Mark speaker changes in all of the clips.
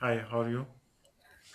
Speaker 1: Hi, how are you?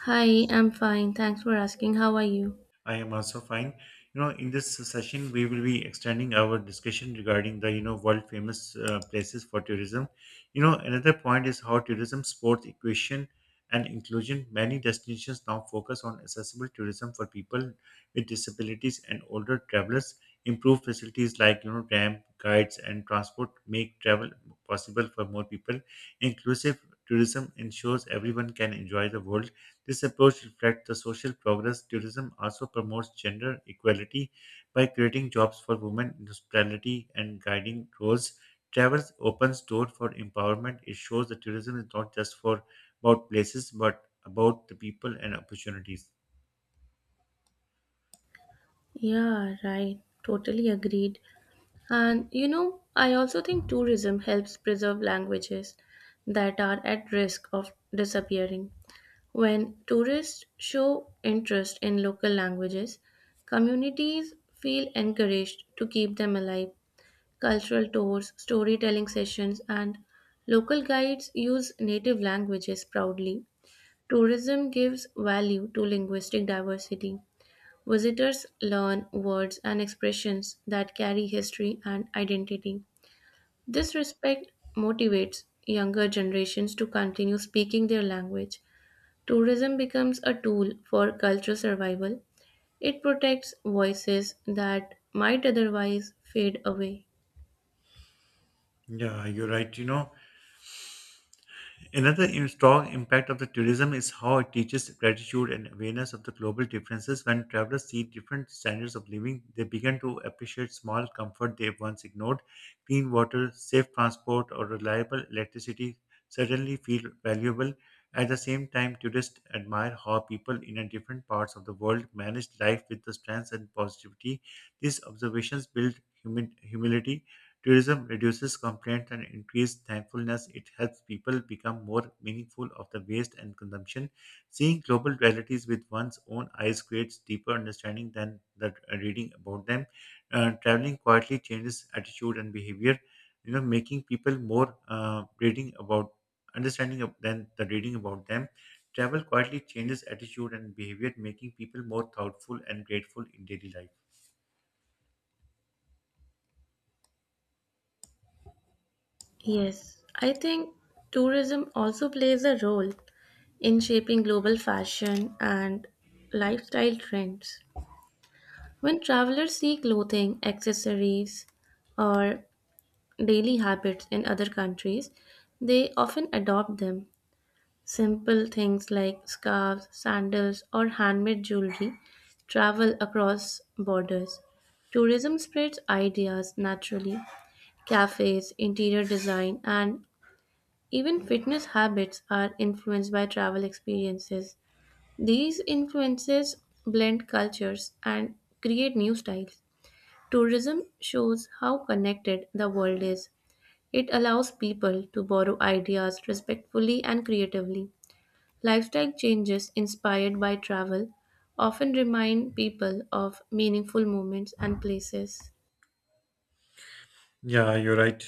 Speaker 2: Hi, I'm fine. Thanks for asking. How are you?
Speaker 1: I am also fine. In this session, we will be extending our discussion regarding the world famous places for tourism. Another point is how tourism supports equation and inclusion. Many destinations now focus on accessible tourism for people with disabilities and older travelers. Improved facilities like, ramp, guides, and transport make travel possible for more people. Inclusive tourism ensures everyone can enjoy the world. This approach reflects the social progress. Tourism also promotes gender equality by creating jobs for women in hospitality and guiding roles. Travel opens doors for empowerment. It shows that tourism is not just for about places, but about the people and opportunities.
Speaker 2: Yeah, right. Totally agreed. And you know, I also think tourism helps preserve languages that are at risk of disappearing. When tourists show interest in local languages, communities feel encouraged to keep them alive. Cultural tours, storytelling sessions, and local guides use native languages proudly. Tourism gives value to linguistic diversity. Visitors learn words and expressions that carry history and identity. This respect motivates younger generations to continue speaking their language. Tourism becomes a tool for cultural survival. It protects voices that might otherwise fade away.
Speaker 1: Yeah, you're right. Another strong impact of the tourism is how it teaches gratitude and awareness of the global differences. When travelers see different standards of living, they begin to appreciate small comfort they once ignored. Clean water, safe transport, or reliable electricity certainly feel valuable. At the same time, tourists admire how people in a different parts of the world manage life with the strength and positivity. These observations build humility. Tourism reduces complaints and increases thankfulness. It helps people become more meaningful of the waste and consumption. Seeing global realities with one's own eyes creates deeper understanding than that reading about them. Traveling quietly changes attitude and behavior. Making people more reading about understanding of than the reading about them. Travel quietly changes attitude and behavior, making people more thoughtful and grateful in daily life.
Speaker 2: Yes, I think tourism also plays a role in shaping global fashion and lifestyle trends. When travelers see clothing, accessories, or daily habits in other countries, they often adopt them. Simple things like scarves, sandals, or handmade jewelry travel across borders. Tourism spreads ideas naturally. Cafes, interior design, and even fitness habits are influenced by travel experiences. These influences blend cultures and create new styles. Tourism shows how connected the world is. It allows people to borrow ideas respectfully and creatively. Lifestyle changes inspired by travel often remind people of meaningful moments and places.
Speaker 1: Yeah, you're right.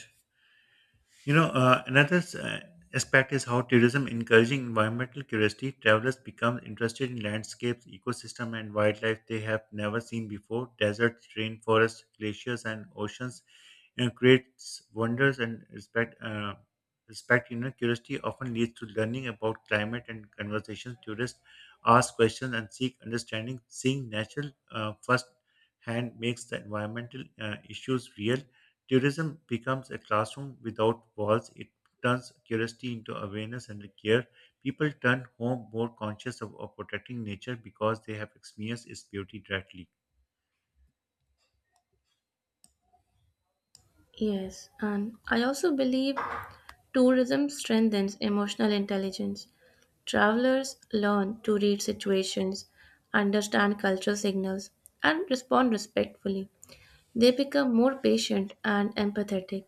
Speaker 1: Another aspect is how tourism encouraging environmental curiosity. Travelers become interested in landscapes, ecosystem, and wildlife they have never seen before. Deserts, rainforests, glaciers, and oceans, creates wonders and respect. Respect, curiosity often leads to learning about climate and conversations. Tourists ask questions and seek understanding. Seeing natural first hand makes the environmental issues real. Tourism becomes a classroom without walls. It turns curiosity into awareness and care. People turn home more conscious of protecting nature because they have experienced its beauty directly.
Speaker 2: Yes, and I also believe tourism strengthens emotional intelligence. Travelers learn to read situations, understand cultural signals, and respond respectfully. They become more patient and empathetic.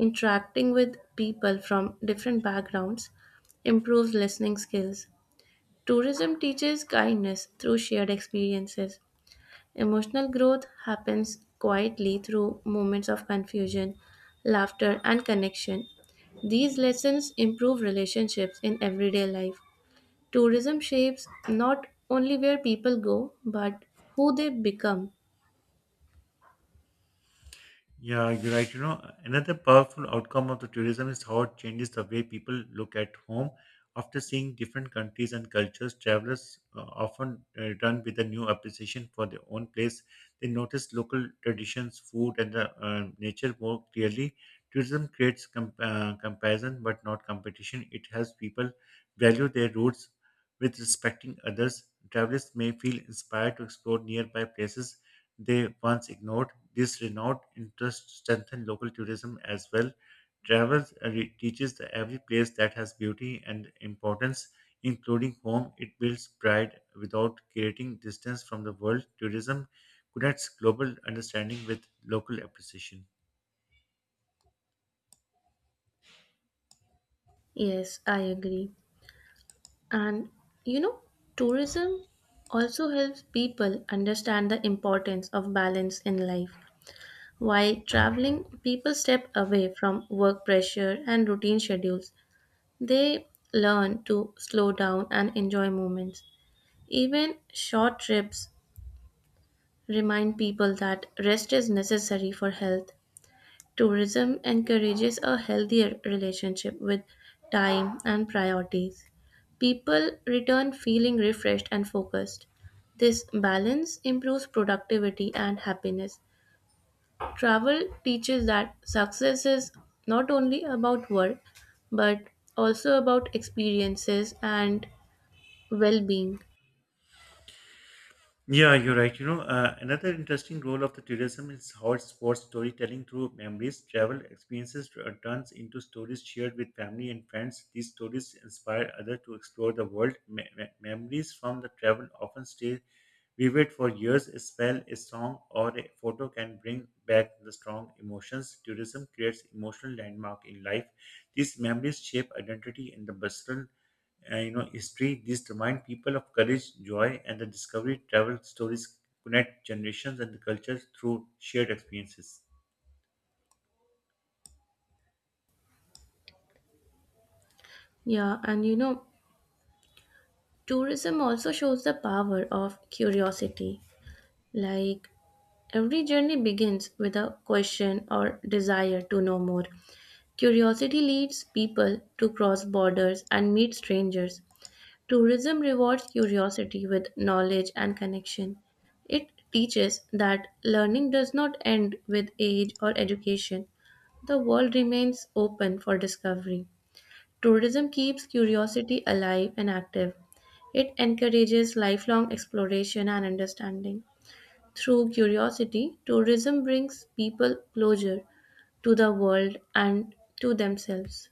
Speaker 2: Interacting with people from different backgrounds improves listening skills. Tourism teaches kindness through shared experiences. Emotional growth happens quietly through moments of confusion, laughter, and connection. These lessons improve relationships in everyday life. Tourism shapes not only where people go, but who they become.
Speaker 1: Yeah, you're right. Another powerful outcome of the tourism is how it changes the way people look at home. After seeing different countries and cultures, travelers often return with a new appreciation for their own place. They notice local traditions, food, and the nature more clearly. Tourism creates comparison but not competition. It helps people value their roots with respecting others. Travelers may feel inspired to explore nearby places they once ignored. This renewed interest strengthened local tourism as well. Travel teaches the every place that has beauty and importance, including home. It builds pride without creating distance from the world. Tourism connects global understanding with local appreciation.
Speaker 2: Yes, I agree. And you know, tourism also helps people understand the importance of balance in life. While traveling, people step away from work pressure and routine schedules. They learn to slow down and enjoy moments. Even short trips remind people that rest is necessary for health. Tourism encourages a healthier relationship with time and priorities. People return feeling refreshed and focused. This balance improves productivity and happiness. Travel teaches that success is not only about work but also about experiences and well being.
Speaker 1: Yeah, you're right. Another interesting role of the tourism is how it sports storytelling through memories. Travel experiences turns into stories shared with family and friends. These stories inspire others to explore the world. Memories from the travel often stay vivid for years. A spell, a song, or a photo can bring back the strong emotions. Tourism creates emotional landmark in life. These memories shape identity in the personal history. These remind people of courage, joy, and the discovery. Travel stories connect generations and the cultures through shared experiences.
Speaker 2: Yeah, and you know, tourism also shows the power of curiosity. Like, every journey begins with a question or desire to know more. Curiosity leads people to cross borders and meet strangers. Tourism rewards curiosity with knowledge and connection. It teaches that learning does not end with age or education. The world remains open for discovery. Tourism keeps curiosity alive and active. It encourages lifelong exploration and understanding. Through curiosity, tourism brings people closer to the world and to themselves.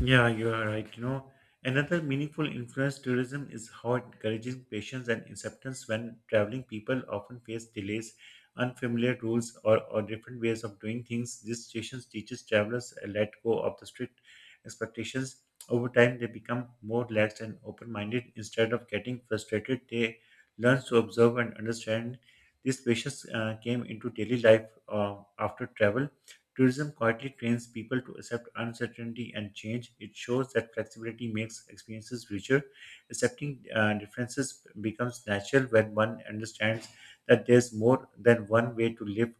Speaker 1: Yeah, you are right. Another meaningful influence tourism is how encouraging patience and acceptance when traveling. People often face delays, unfamiliar rules, or different ways of doing things. These situations teaches travelers a let go of the strict expectations. Over time, they become more relaxed and open-minded. Instead of getting frustrated, they learn to observe and understand. These patience came into daily life after travel. Tourism quietly trains people to accept uncertainty and change. It shows that flexibility makes experiences richer. Accepting differences becomes natural when one understands that there's more than one way to live.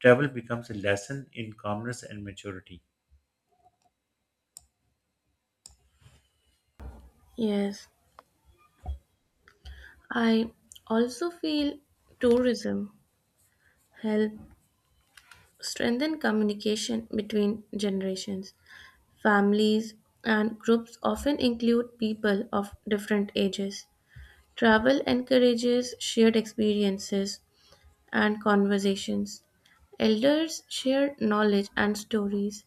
Speaker 1: Travel becomes a lesson in calmness and maturity.
Speaker 2: Yes, I also feel tourism help strengthen communication between generations. Families and groups often include people of different ages. Travel encourages shared experiences and conversations. Elders share knowledge and stories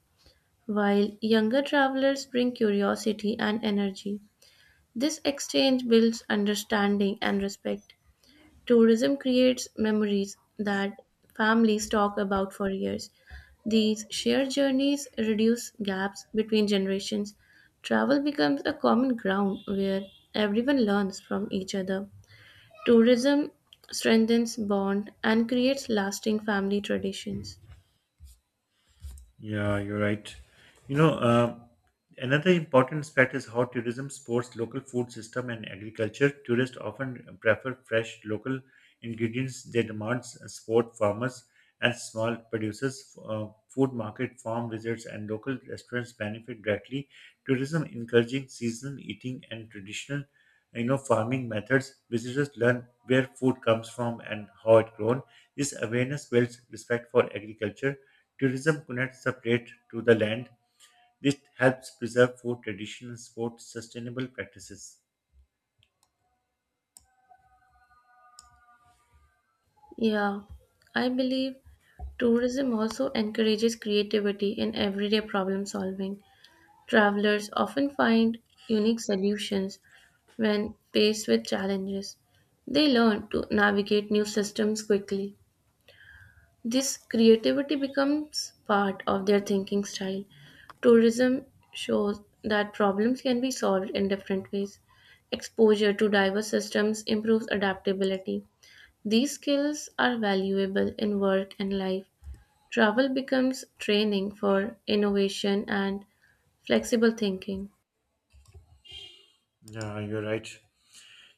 Speaker 2: while younger travelers bring curiosity and energy. This exchange builds understanding and respect. Tourism creates memories that families talk about for years. These shared journeys reduce gaps between generations. Travel becomes a common ground where everyone learns from each other. Tourism strengthens bond and creates lasting family traditions.
Speaker 1: Yeah, you're right. You know, uh, Another important aspect is how tourism supports local food system and agriculture. Tourists often prefer fresh local ingredients. They demand support farmers and small producers. Food market, farm visits, and local restaurants benefit directly. Tourism encouraging seasonal eating and traditional, farming methods. Visitors learn where food comes from and how it grown. This awareness builds respect for agriculture. Tourism connects the plate to the land. This helps preserve food, traditions, sports, sustainable practices.
Speaker 2: Yeah, I believe tourism also encourages creativity in everyday problem solving. Travelers often find unique solutions when faced with challenges. They learn to navigate new systems quickly. This creativity becomes part of their thinking style. Tourism shows that problems can be solved in different ways. Exposure to diverse systems improves adaptability. These skills are valuable in work and life. Travel becomes training for innovation and flexible thinking.
Speaker 1: Yeah, you're right.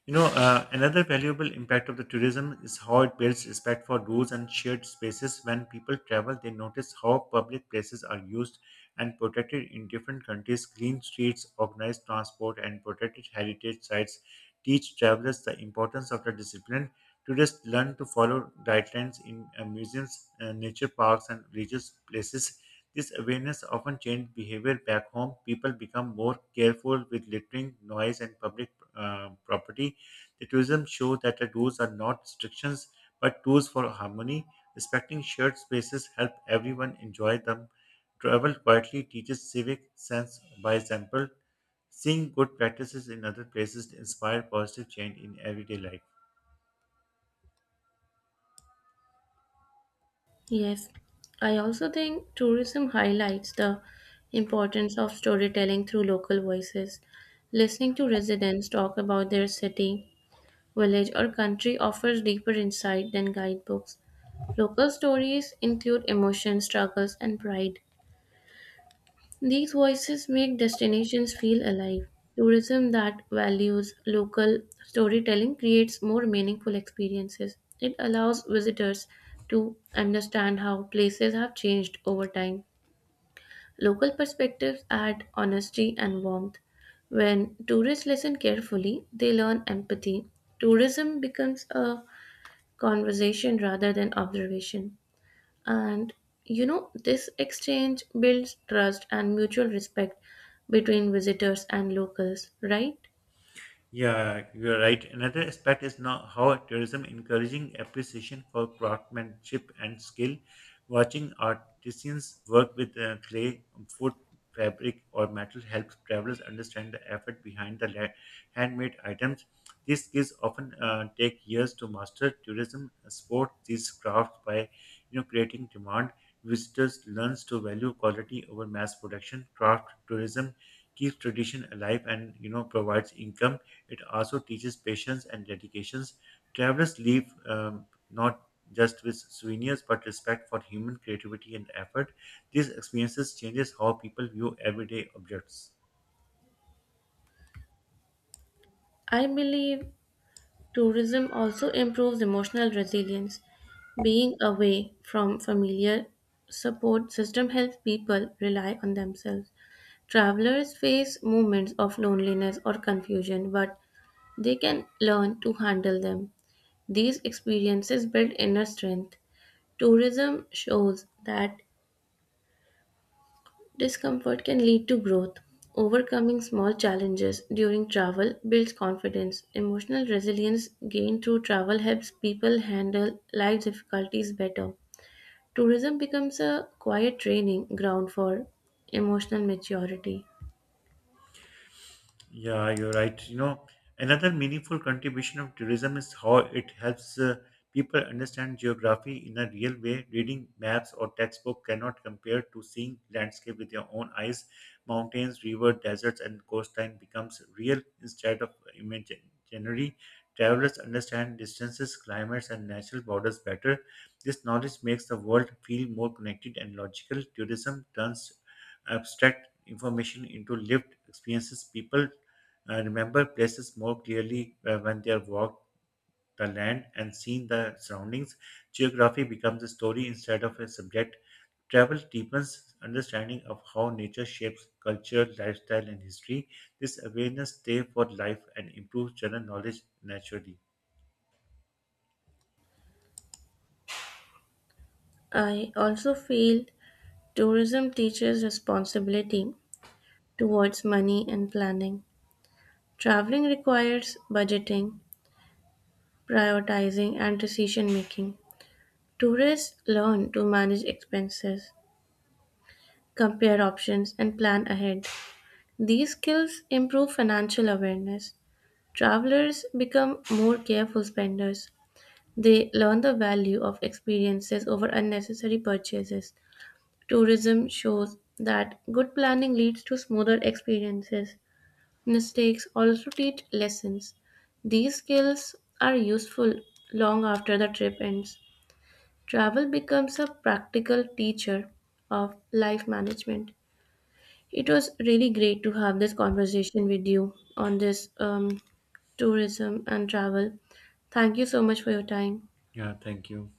Speaker 1: Another valuable impact of the tourism is how it builds respect for rules and shared spaces. When people travel, they notice how public places are used and protected in different countries. Clean streets, organized transport, and protected heritage sites teach travelers the importance of the discipline. Tourists learn to follow guidelines in museums, nature parks, and religious places. This awareness often changes behavior back home. People become more careful with littering, noise, and public property. Intuition shows that the rules are not restrictions but tools for harmony. Respecting shared spaces help everyone enjoy them. Travel quietly teaches civic sense by example. Seeing good practices in other places inspire positive change in everyday life.
Speaker 2: Yes, I also think tourism highlights the importance of storytelling through local voices. Listening to residents talk about their city, village, or country offers deeper insight than guidebooks. Local stories include emotion, struggles, and pride. These voices make destinations feel alive. Tourism that values local storytelling creates more meaningful experiences. It allows visitors to understand how places have changed over time. Local perspectives add honesty and warmth. When tourists listen carefully, they learn empathy. Tourism becomes a conversation rather than observation. And you know, this exchange builds trust and mutual respect between visitors and locals, right?
Speaker 1: Yeah, you're right. Another aspect is now how tourism encouraging appreciation for craftsmanship and skill. Watching artisans work with clay, wood, fabric, or metal helps travelers understand the effort behind the handmade items. These skills often take years to master. Tourism supports these crafts by, creating demand. Visitors learns to value quality over mass production. Craft tourism keeps tradition alive, and provides income. It also teaches patience and dedications. Travelers leave not just with souvenirs but respect for human creativity and effort. These experiences changes how people view everyday objects.
Speaker 2: I believe tourism also improves emotional resilience. Being away from familiar support system helps people rely on themselves. Travelers face moments of loneliness or confusion, but they can learn to handle them. These experiences build inner strength. Tourism shows that discomfort can lead to growth. Overcoming small challenges during travel builds confidence. Emotional resilience gained through travel helps people handle life difficulties better. Tourism becomes a quiet training ground for emotional maturity.
Speaker 1: Yeah, you're right. Another meaningful contribution of tourism is how it helps people understand geography in a real way. Reading maps or textbook cannot compare to seeing landscape with your own eyes. Mountains, river, deserts, and coastline becomes real instead of imaginary. Travelers understand distances, climates, and natural borders better. This knowledge makes the world feel more connected and logical. Tourism turns abstract information into lived experiences. People remember places more clearly when they have walked the land and seen the surroundings. Geography becomes a story instead of a subject. Travel deepens understanding of how nature shapes culture, lifestyle, and history. This awareness stays for life and improves general knowledge naturally.
Speaker 2: I also feel tourism teaches responsibility towards money and planning. Traveling requires budgeting, prioritizing, and decision making. Tourists learn to manage expenses, compare options, and plan ahead. These skills improve financial awareness. Travelers become more careful spenders. They learn the value of experiences over unnecessary purchases. Tourism shows that good planning leads to smoother experiences. Mistakes also teach lessons. These skills are useful long after the trip ends. Travel becomes a practical teacher of life management. It was really great to have this conversation with you on this tourism and travel. Thank you so much for your time.
Speaker 1: Yeah, thank you.